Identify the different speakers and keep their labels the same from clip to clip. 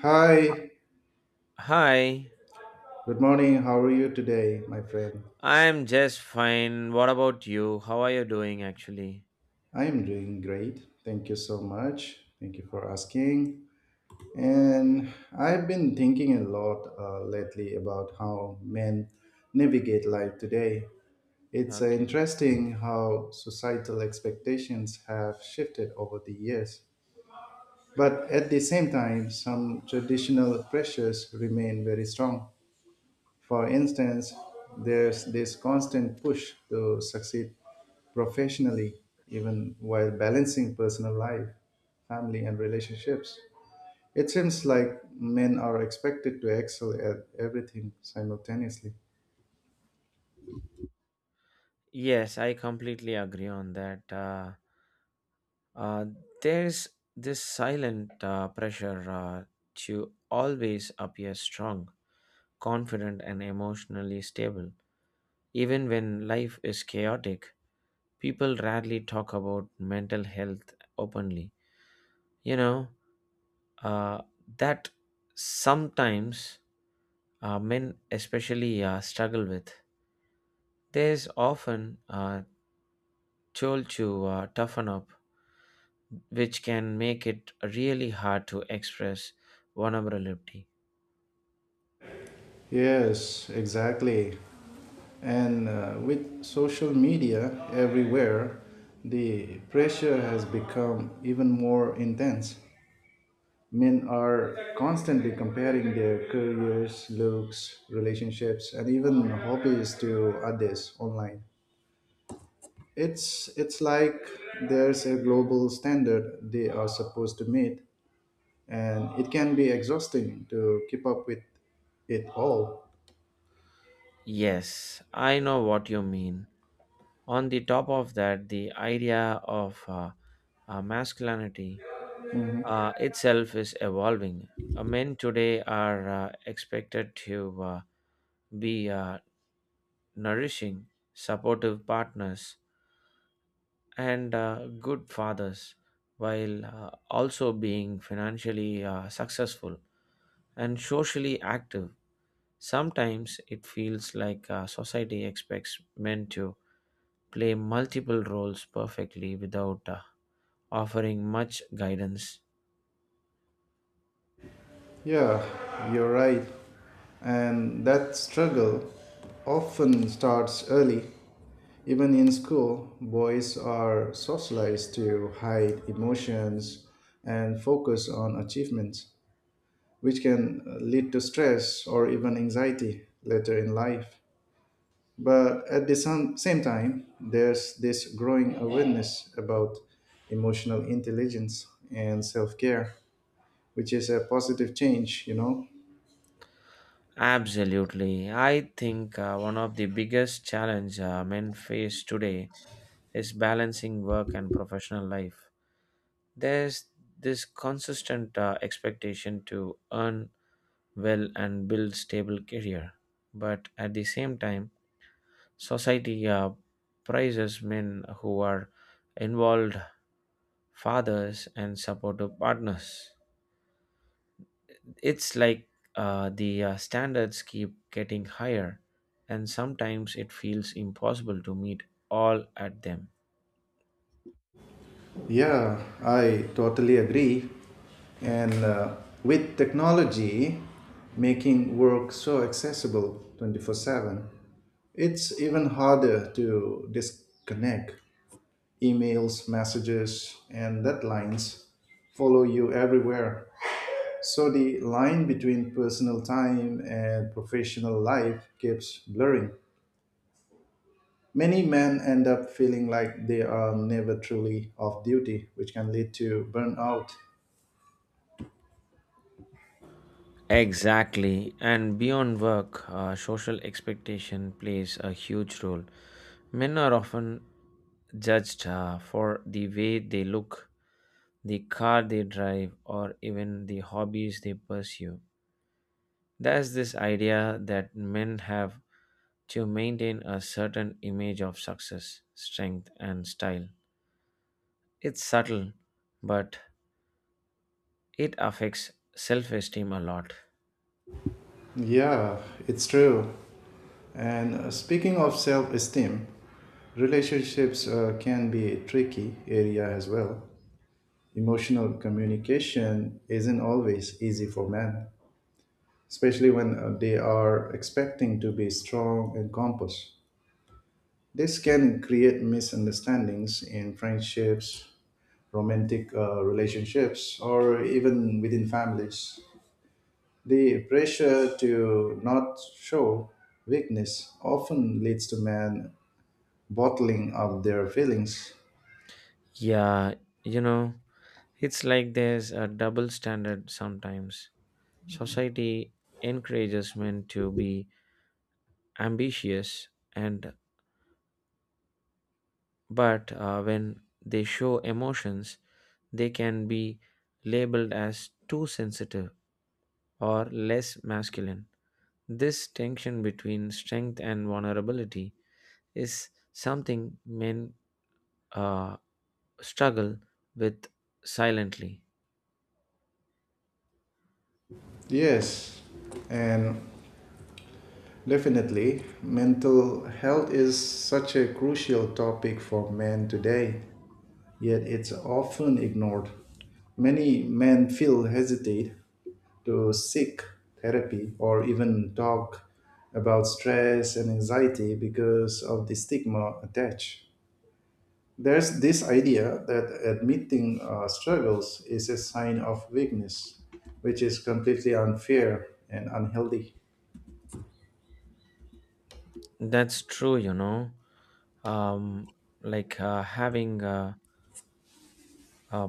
Speaker 1: Hi,
Speaker 2: Hi,
Speaker 1: good morning. How are you today, my friend?
Speaker 2: I'm just fine. What about you? How are you doing actually?
Speaker 1: I am doing great. Thank you so much. Thank you for asking. And I've been thinking a lot lately about how men navigate life today. It's
Speaker 2: Okay.
Speaker 1: interesting how societal expectations have shifted over the years. But at the same time, some traditional pressures remain very strong. For instance, there's this constant push to succeed professionally, even while balancing personal life, family, and relationships. It seems like men are expected to excel at everything simultaneously.
Speaker 2: Yes, I completely agree on that. Uh, there's this silent pressure to always appear strong, confident, and emotionally stable. Even when life is chaotic, people rarely talk about mental health openly. You know, uh, that sometimes men especially struggle with. There's often a told to toughen up, which can make it really hard to express vulnerability.
Speaker 1: Yes, exactly. And with social media everywhere, the pressure has become even more intense. Men are constantly comparing their careers, looks, relationships, and even hobbies to others online. It's like there's a global standard they are supposed to meet, and it can be exhausting to keep up with it all.
Speaker 2: Yes, I know what you mean. On the top of that, the idea of masculinity itself is evolving. Men today are expected to be nourishing, supportive partners and good fathers while also being financially successful and socially active. Sometimes it feels like society expects men to play multiple roles perfectly without offering much guidance.
Speaker 1: Yeah, you're right. And that struggle often starts early. Even in school, boys are socialized to hide emotions and focus on achievements, which can lead to stress or even anxiety later in life. But at the same time, there's this growing awareness about emotional intelligence and self care, which is a positive change, you know.
Speaker 2: Absolutely. I think one of the biggest challenge men face today is balancing work and professional life. There's this consistent expectation to earn well and build stable career, but at the same time society prizes men who are involved fathers and supportive partners. It's like the standards keep getting higher, and sometimes it feels impossible to meet all at them.
Speaker 1: Yeah, I totally agree. And with technology making work so accessible 24/7, it's even harder to disconnect. Emails, messages, and deadlines follow you everywhere. So the line between personal time and professional life keeps blurring. Many men end up feeling like they are never truly off duty, which can lead to burnout.
Speaker 2: Exactly. And beyond work, social expectation plays a huge role. Men are often judged for the way they look, the car they drive, or even the hobbies they pursue. There's this idea that men have to maintain a certain image of success, strength, and style. It's subtle, but it affects self esteem a lot.
Speaker 1: Yeah, it's true. And speaking of self esteem, relationships can be a tricky area as well. Emotional communication isn't always easy for men, especially when they are expecting to be strong and compass. This can create misunderstandings in friendships, romantic relationships, or even within families. The pressure to not show weakness often leads to men bottling up their feelings.
Speaker 2: Yeah, you know, it's like there's a double standard sometimes. Society encourages men to be ambitious and but when they show emotions, they can be labeled as too sensitive or less masculine. This tension between strength and vulnerability is something men uh, struggle with silently.
Speaker 1: Yes, and definitely, mental health is such a crucial topic for men today, yet it's often ignored. Many men feel hesitate to seek therapy or even talk about stress and anxiety because of the stigma attached. There's this idea that admitting struggles is a sign of weakness, which is completely unfair and unhealthy.
Speaker 2: That's true, you know. Um, like having a,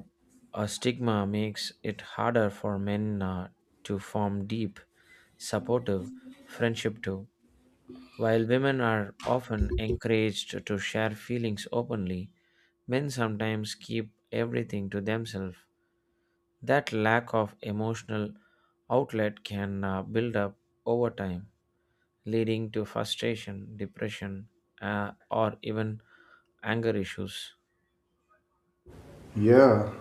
Speaker 2: a stigma makes it harder for men to form deep, supportive friendship too. While women are often encouraged to share feelings openly, men sometimes keep everything to themselves. That lack of emotional outlet can build up over time, leading to frustration, depression, or even anger issues.
Speaker 1: Yeah.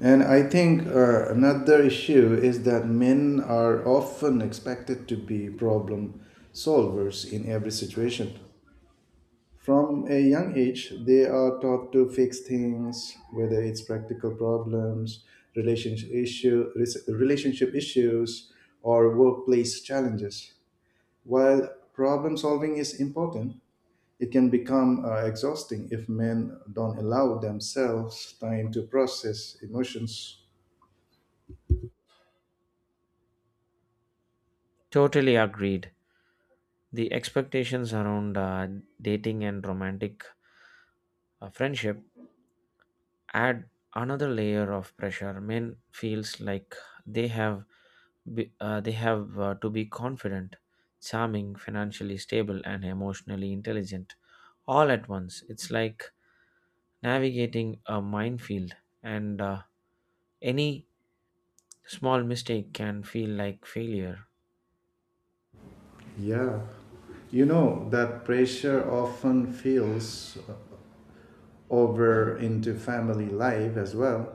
Speaker 1: And I think another issue is that men are often expected to be problem solvers in every situation. From a young age, they are taught to fix things, whether it's practical problems, relationship issues, or workplace challenges. While problem solving is important, it can become exhausting if men don't allow themselves time to process emotions.
Speaker 2: Totally agreed. The expectations around dating and romantic friendship add another layer of pressure. Men feels like they have be, they have to be confident, charming, financially stable, and emotionally intelligent all at once. It's like navigating a minefield, and any small mistake can feel like failure.
Speaker 1: Yeah. You know, that pressure often feels over into family life as well.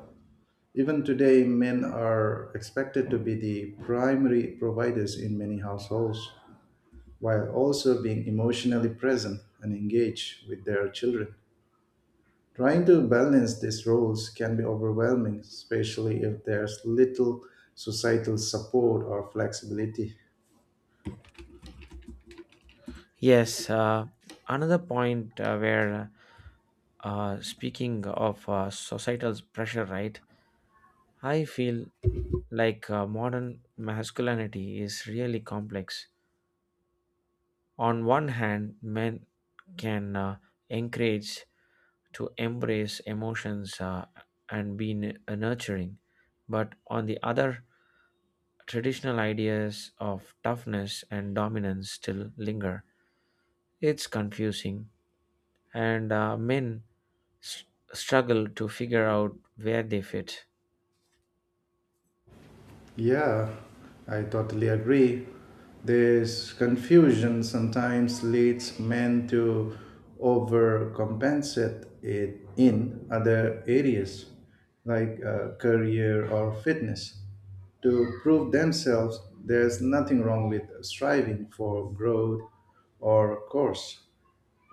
Speaker 1: Even today, men are expected to be the primary providers in many households, while also being emotionally present and engaged with their children. Trying to balance these roles can be overwhelming, especially if there's little societal support or flexibility.
Speaker 2: Yes, another point where speaking of societal pressure, right? I feel like modern masculinity is really complex. On one hand, men can encourage to embrace emotions and be nurturing. But on the other, traditional ideas of toughness and dominance still linger. It's confusing, and men s- struggle to figure out where they fit.
Speaker 1: Yeah, I totally agree. This confusion sometimes leads men to overcompensate it in other areas like career or fitness. To prove themselves, there's nothing wrong with striving for growth or course.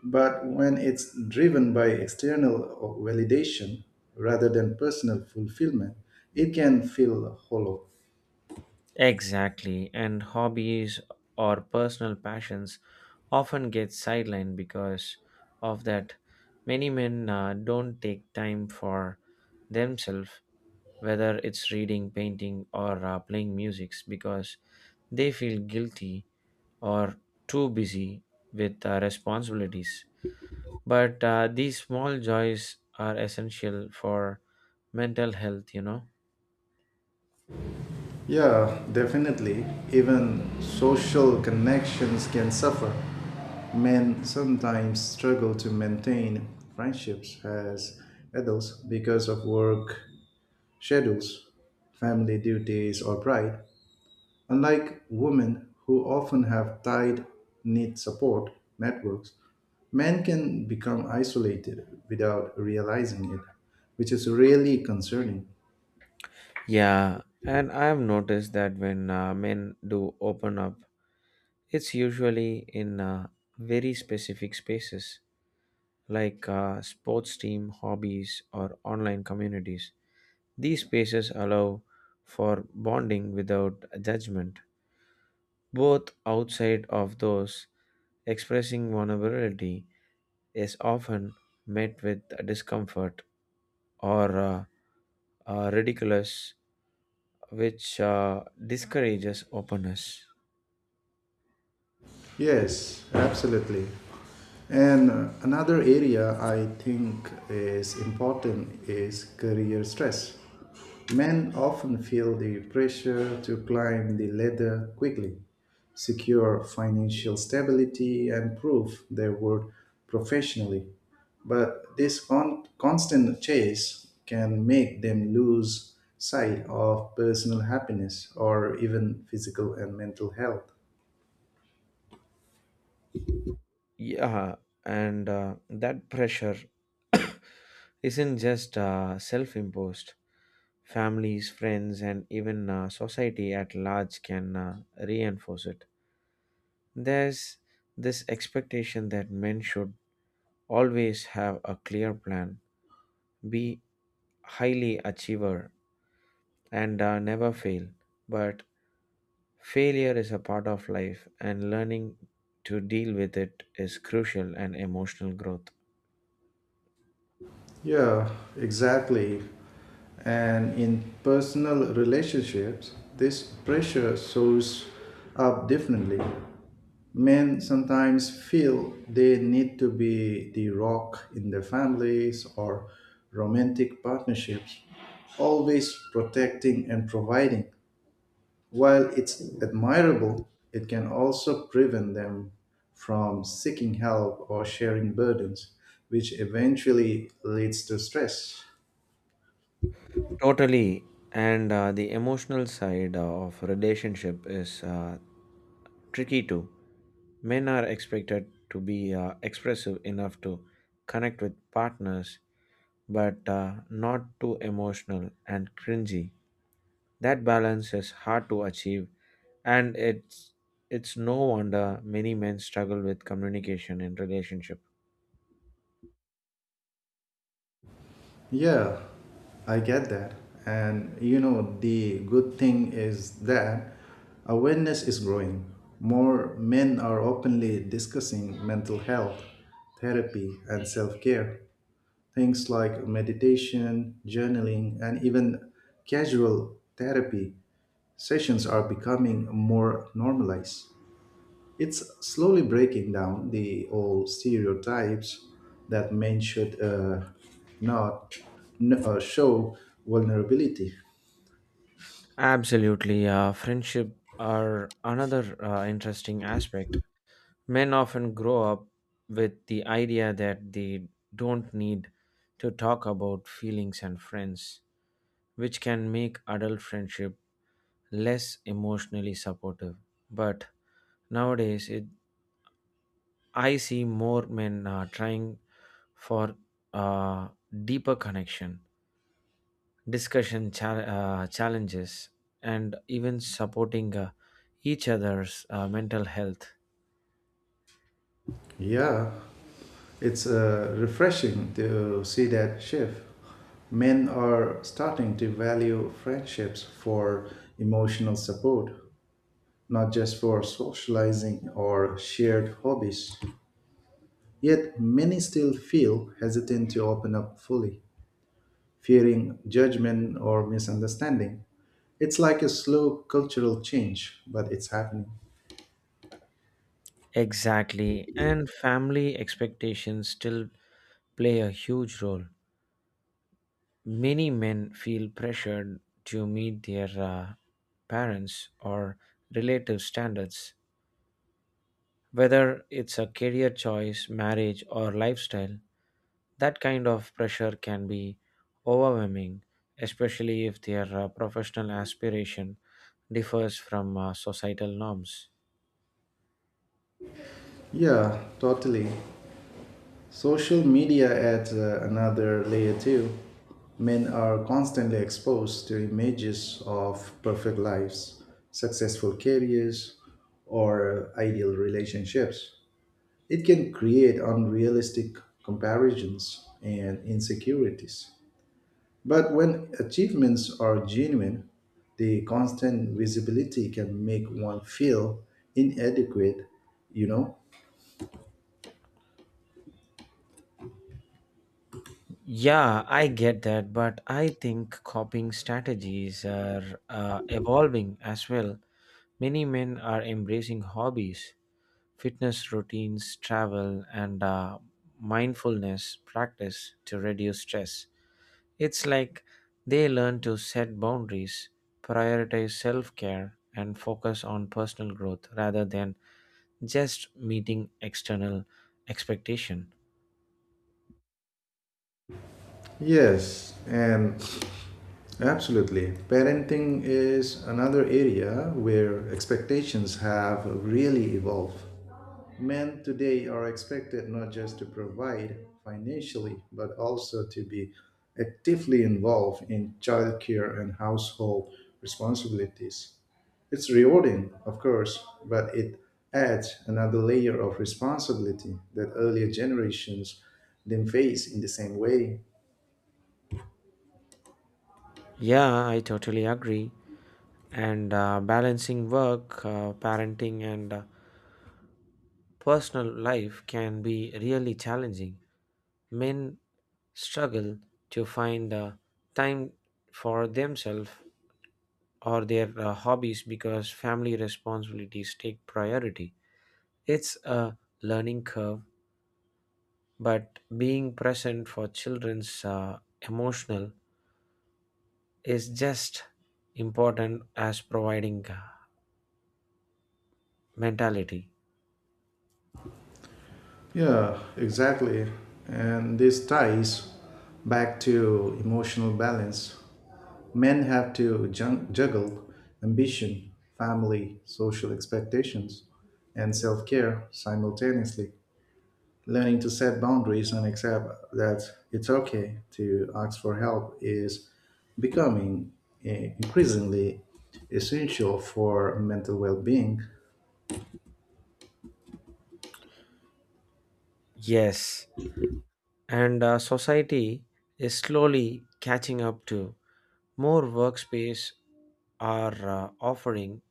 Speaker 1: But when it's driven by external validation rather than personal fulfillment, it can feel hollow.
Speaker 2: Exactly, and hobbies or personal passions often get sidelined because of that. Many men don't take time for themselves, whether it's reading, painting, or playing music, because they feel guilty or too busy with responsibilities. But these small joys are essential for mental health, you know.
Speaker 1: Yeah, definitely. Even social connections can suffer. Men sometimes struggle to maintain friendships as adults because of work schedules, family duties, or pride. Unlike women, who often have tied, knit support networks, men can become isolated without realizing it, which is really concerning.
Speaker 2: Yeah, and I have noticed that when men do open up, it's usually in very specific spaces like sports team, hobbies, or online communities. These spaces allow for bonding without judgment, both outside of those expressing vulnerability is often met with discomfort or ridiculous, which discourages openness.
Speaker 1: Yes, absolutely. And another area I think is important is career stress. Men often feel the pressure to climb the ladder quickly, secure financial stability, and prove their worth professionally. But this constant chase can make them lose sight of personal happiness or even physical and mental health.
Speaker 2: Yeah, and that pressure isn't just self imposed. Families, friends, and even society at large can reinforce it. There's this expectation that men should always have a clear plan, be highly achiever, and never fail. But failure is a part of life, and learning to deal with it is crucial and emotional growth.
Speaker 1: Yeah, exactly. And in personal relationships, this pressure shows up differently. Men sometimes feel they need to be the rock in their families or romantic partnerships, always protecting and providing. While it's admirable, it can also prevent them from seeking help or sharing burdens, which eventually leads to stress.
Speaker 2: Totally. And the emotional side of relationship is tricky too. Men are expected to be expressive enough to connect with partners, but not too emotional and cringy. That balance is hard to achieve, and it's no wonder many men struggle with communication in relationship.
Speaker 1: Yeah, I get that. And you know, the good thing is that awareness is growing. More men are openly discussing mental health, therapy, and self care. Things like meditation, journaling, and even casual therapy sessions are becoming more normalized. It's slowly breaking down the old stereotypes that men should not show vulnerability.
Speaker 2: Absolutely, friendship are another interesting aspect. Men often grow up with the idea that they don't need to talk about feelings and friends, which can make adult friendship less emotionally supportive. But nowadays, I see more men trying for uh, deeper connection, discussion challenges, and even supporting each other's mental health.
Speaker 1: Yeah, it's refreshing to see that shift. Men are starting to value friendships for emotional support, not just for socializing or shared hobbies. Yet, many still feel hesitant to open up fully, fearing judgment or misunderstanding. It's like a slow cultural change, but it's happening.
Speaker 2: Exactly. And family expectations still play a huge role. Many men feel pressured to meet their parents' or relative standards. Whether it's a career choice, marriage, or lifestyle, that kind of pressure can be overwhelming, especially if their professional aspiration differs from societal norms.
Speaker 1: Yeah, totally. Social media adds another layer too. Men are constantly exposed to images of perfect lives, successful careers, or ideal relationships. It can create unrealistic comparisons and insecurities. But when achievements are genuine, the constant visibility can make one feel inadequate, you know?
Speaker 2: Yeah, I get that, but I think coping strategies are evolving as well. Many men are embracing hobbies, fitness routines, travel, and mindfulness practice to reduce stress. It's like they learn to set boundaries, prioritize self care, and focus on personal growth rather than just meeting external expectation.
Speaker 1: Yes, and absolutely. Parenting is another area where expectations have really evolved. Men today are expected not just to provide financially, but also to be actively involved in childcare and household responsibilities. It's rewarding, of course, but it adds another layer of responsibility that earlier generations didn't face in the same way.
Speaker 2: Yeah, I totally agree. And balancing work, parenting, and personal life can be really challenging. Men struggle to find time for themselves or their hobbies because family responsibilities take priority. It's a learning curve, but being present for children's emotional is just important as providing mentality.
Speaker 1: Yeah, exactly. And this ties back to emotional balance. Men have to juggle ambition, family, social expectations, and self care simultaneously. Learning to set boundaries and accept that it's okay to ask for help is becoming increasingly essential for mental well-being.
Speaker 2: Yes, and society is slowly catching up to more workspace are offering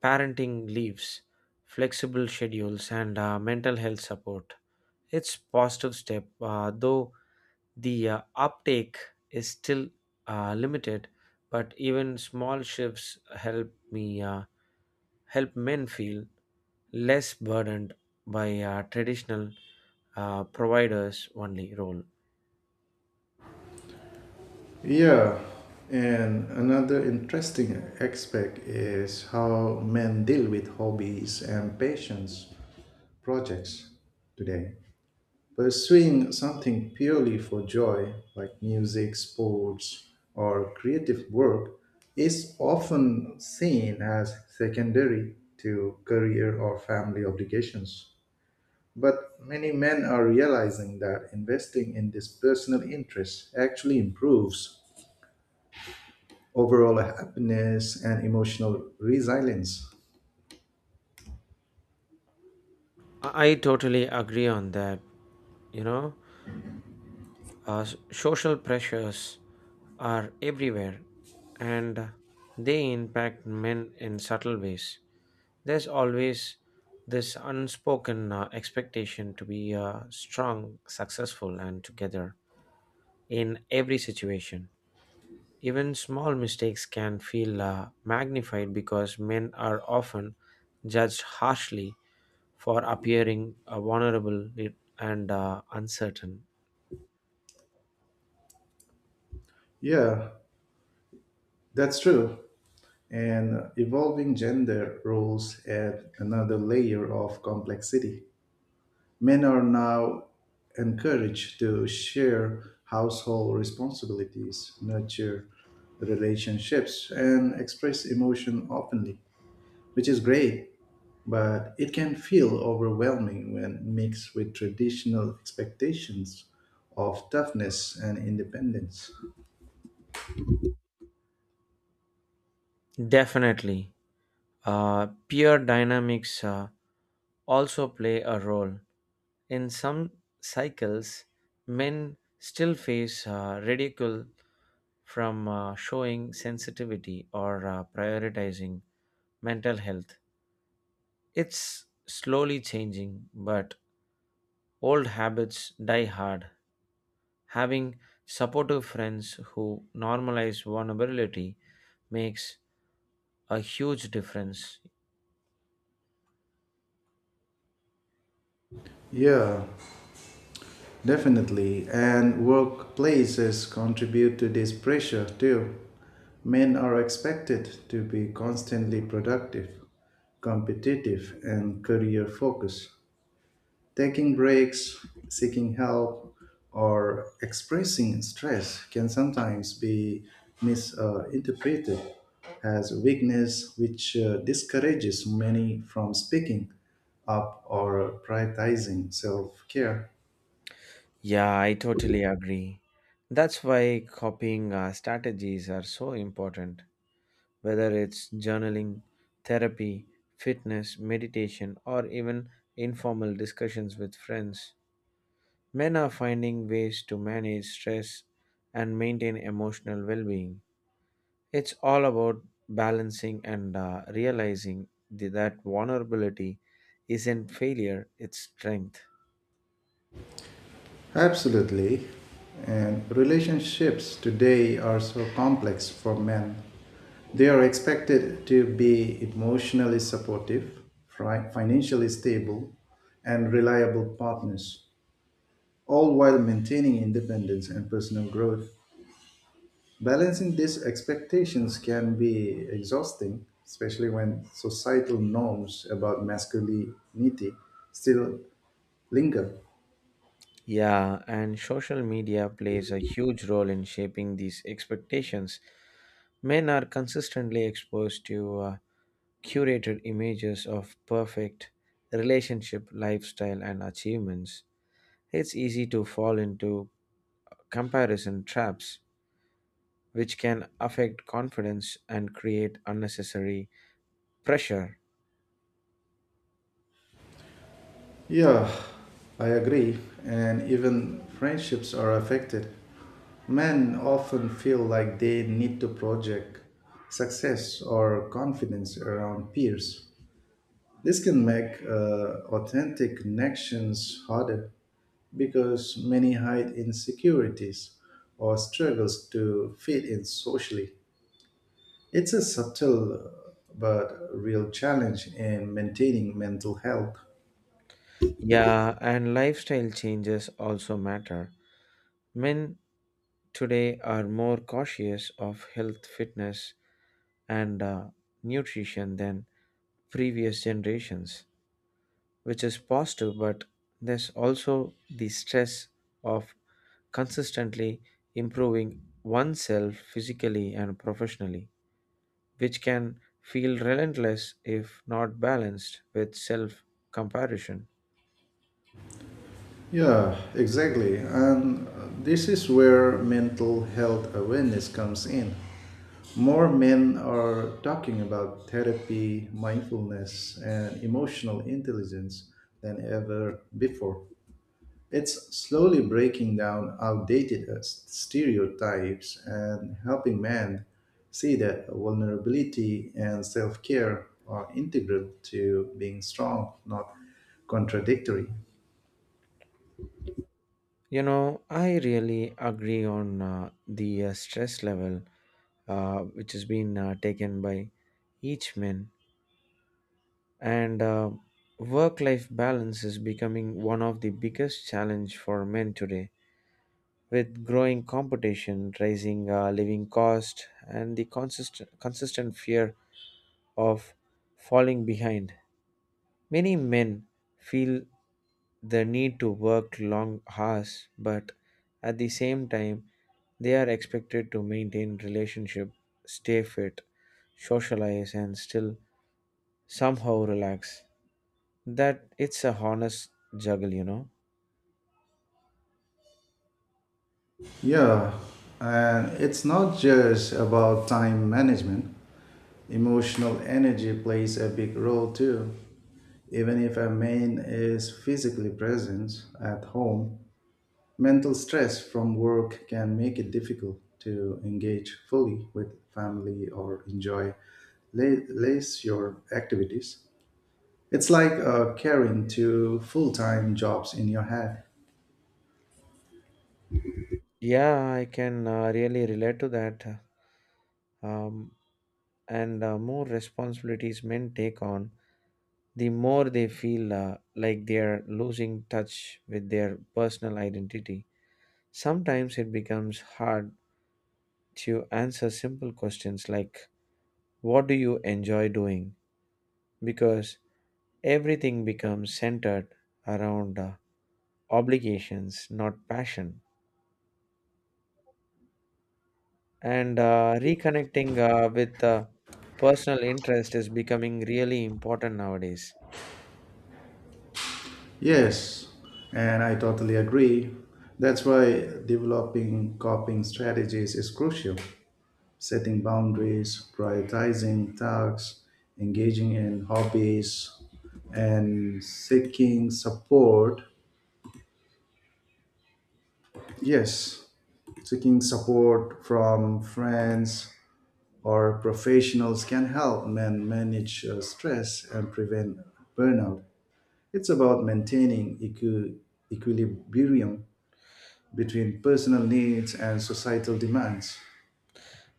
Speaker 2: parenting leaves, flexible schedules, and mental health support. It's positive step, though the uptake is still limited. But even small shifts help men feel less burdened by traditional providers only role.
Speaker 1: Yeah, and another interesting aspect is how men deal with hobbies and passions projects today. Pursuing something purely for joy, like music, sports, or creative work, is often seen as secondary to career or family obligations. But many men are realizing that investing in this personal interest actually improves overall happiness and emotional resilience.
Speaker 2: I totally agree on that. You know. Uh, social pressures are everywhere, and they impact men in subtle ways. There's always this unspoken expectation to be strong, successful, and together in every situation. Even small mistakes can feel magnified because men are often judged harshly for appearing vulnerable and uncertain.
Speaker 1: Yeah, that's true. And evolving gender roles add another layer of complexity. Men are now encouraged to share household responsibilities, nurture relationships, and express emotion openly, which is great, but it can feel overwhelming when mixed with traditional expectations of toughness and independence.
Speaker 2: Definitely. Peer dynamics also play a role. In some cycles, men still face ridicule from showing sensitivity or prioritizing mental health. It's slowly changing, but old habits die hard. Having supportive friends who normalize vulnerability makes a huge difference.
Speaker 1: Yeah, definitely, and workplaces contribute to this pressure too. Men are expected to be constantly productive, competitive, and career focused. Taking breaks, seeking help, or expressing stress can sometimes be misinterpreted as weakness, which discourages many from speaking up or prioritizing self care.
Speaker 2: Yeah, I totally agree. That's why copying strategies are so important, whether it's journaling, therapy, fitness, meditation, or even informal discussions with friends. Men are finding ways to manage stress and maintain emotional well being. It's all about balancing and realizing that vulnerability isn't failure, it's strength.
Speaker 1: Absolutely. And relationships today are so complex for men. They are expected to be emotionally supportive, financially stable, and reliable partners, all while maintaining independence and personal growth. Balancing these expectations can be exhausting, especially when societal norms about masculinity still linger.
Speaker 2: Yeah, and social media plays a huge role in shaping these expectations. Men are consistently exposed to curated images of perfect relationship, lifestyle, and achievements. It's easy to fall into comparison traps, which can affect confidence and create unnecessary pressure.
Speaker 1: Yeah, I agree. And even friendships are affected. Men often feel like they need to project success or confidence around peers. This can make authentic connections harder because many hide insecurities or struggles to fit in socially. It's a subtle but real challenge in maintaining mental health.
Speaker 2: Yeah, and lifestyle changes also matter. Men today are more cautious of health, fitness, and nutrition than previous generations, which is positive, but there's also the stress of consistently improving oneself physically and professionally, which can feel relentless if not balanced with self comparison.
Speaker 1: Yeah, exactly. And this is where mental health awareness comes in. More men are talking about therapy, mindfulness, and emotional intelligence than ever before. It's slowly breaking down outdated stereotypes and helping men see that vulnerability and self care are integral to being strong, not contradictory.
Speaker 2: You know, I really agree on the stress level which has been taken by each man, and work-life balance is becoming one of the biggest challenge for men today, with growing competition, rising living cost, and the consistent fear of falling behind. Many men feel the need to work long hours, but at the same time, they are expected to maintain relationship, stay fit, socialize, and still somehow relax. That it's a honest juggle, you know.
Speaker 1: Yeah, and it's not just about time management. Emotional energy plays a big role too. Even if a man is physically present at home, mental stress from work can make it difficult to engage fully with family or enjoy less your activities. It's like carrying two full time jobs in your head.
Speaker 2: Yeah, I can really relate to that. Um, and more responsibilities men take on, the more they feel like they are losing touch with their personal identity. Sometimes it becomes hard to answer simple questions like, what do you enjoy doing? Because everything becomes centered around obligations, not passion. And reconnecting with personal interest is becoming really important nowadays.
Speaker 1: Yes, and I totally agree. That's why developing coping strategies is crucial. Setting boundaries, prioritizing tasks, engaging in hobbies, and seeking support. Yes, seeking support from friends or professionals can help men manage stress and prevent burnout. It's about maintaining equilibrium between personal needs and societal demands.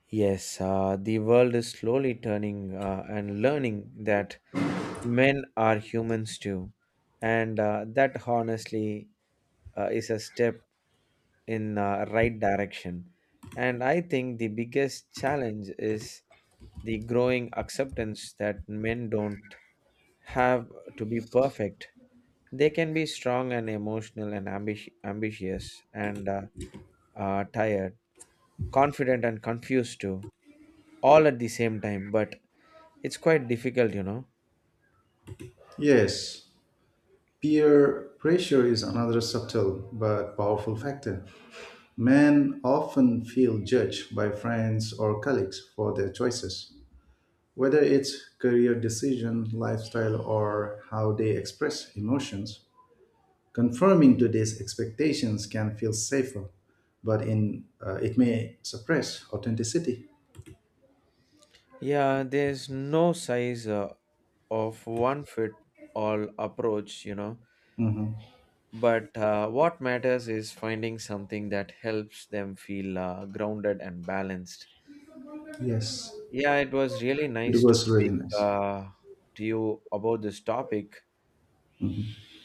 Speaker 2: Yes, the world is slowly turning and learning that men are humans too, and that honestly is a step in right direction. And I think the biggest challenge is the growing acceptance that men don't have to be perfect. They can be strong and emotional and ambitious and tired, confident and confused too, all at the same time. But it's quite difficult, you know.
Speaker 1: Yes, peer pressure is another subtle but powerful factor. Men often feel judged by friends or colleagues for their choices, whether it's career decision, lifestyle, or how they express emotions. Conforming to these expectations can feel safer, but in it may suppress authenticity.
Speaker 2: Yeah, there's no size of one fit all approach, you know. But what matters is finding something that helps them feel grounded and balanced.
Speaker 1: Yes,
Speaker 2: Yeah, it was really
Speaker 1: it
Speaker 2: nice to
Speaker 1: was really
Speaker 2: speak
Speaker 1: nice.
Speaker 2: to you about this topic.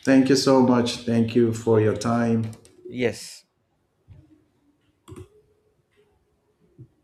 Speaker 1: Thank you so much. Thank you for your time.
Speaker 2: Yes.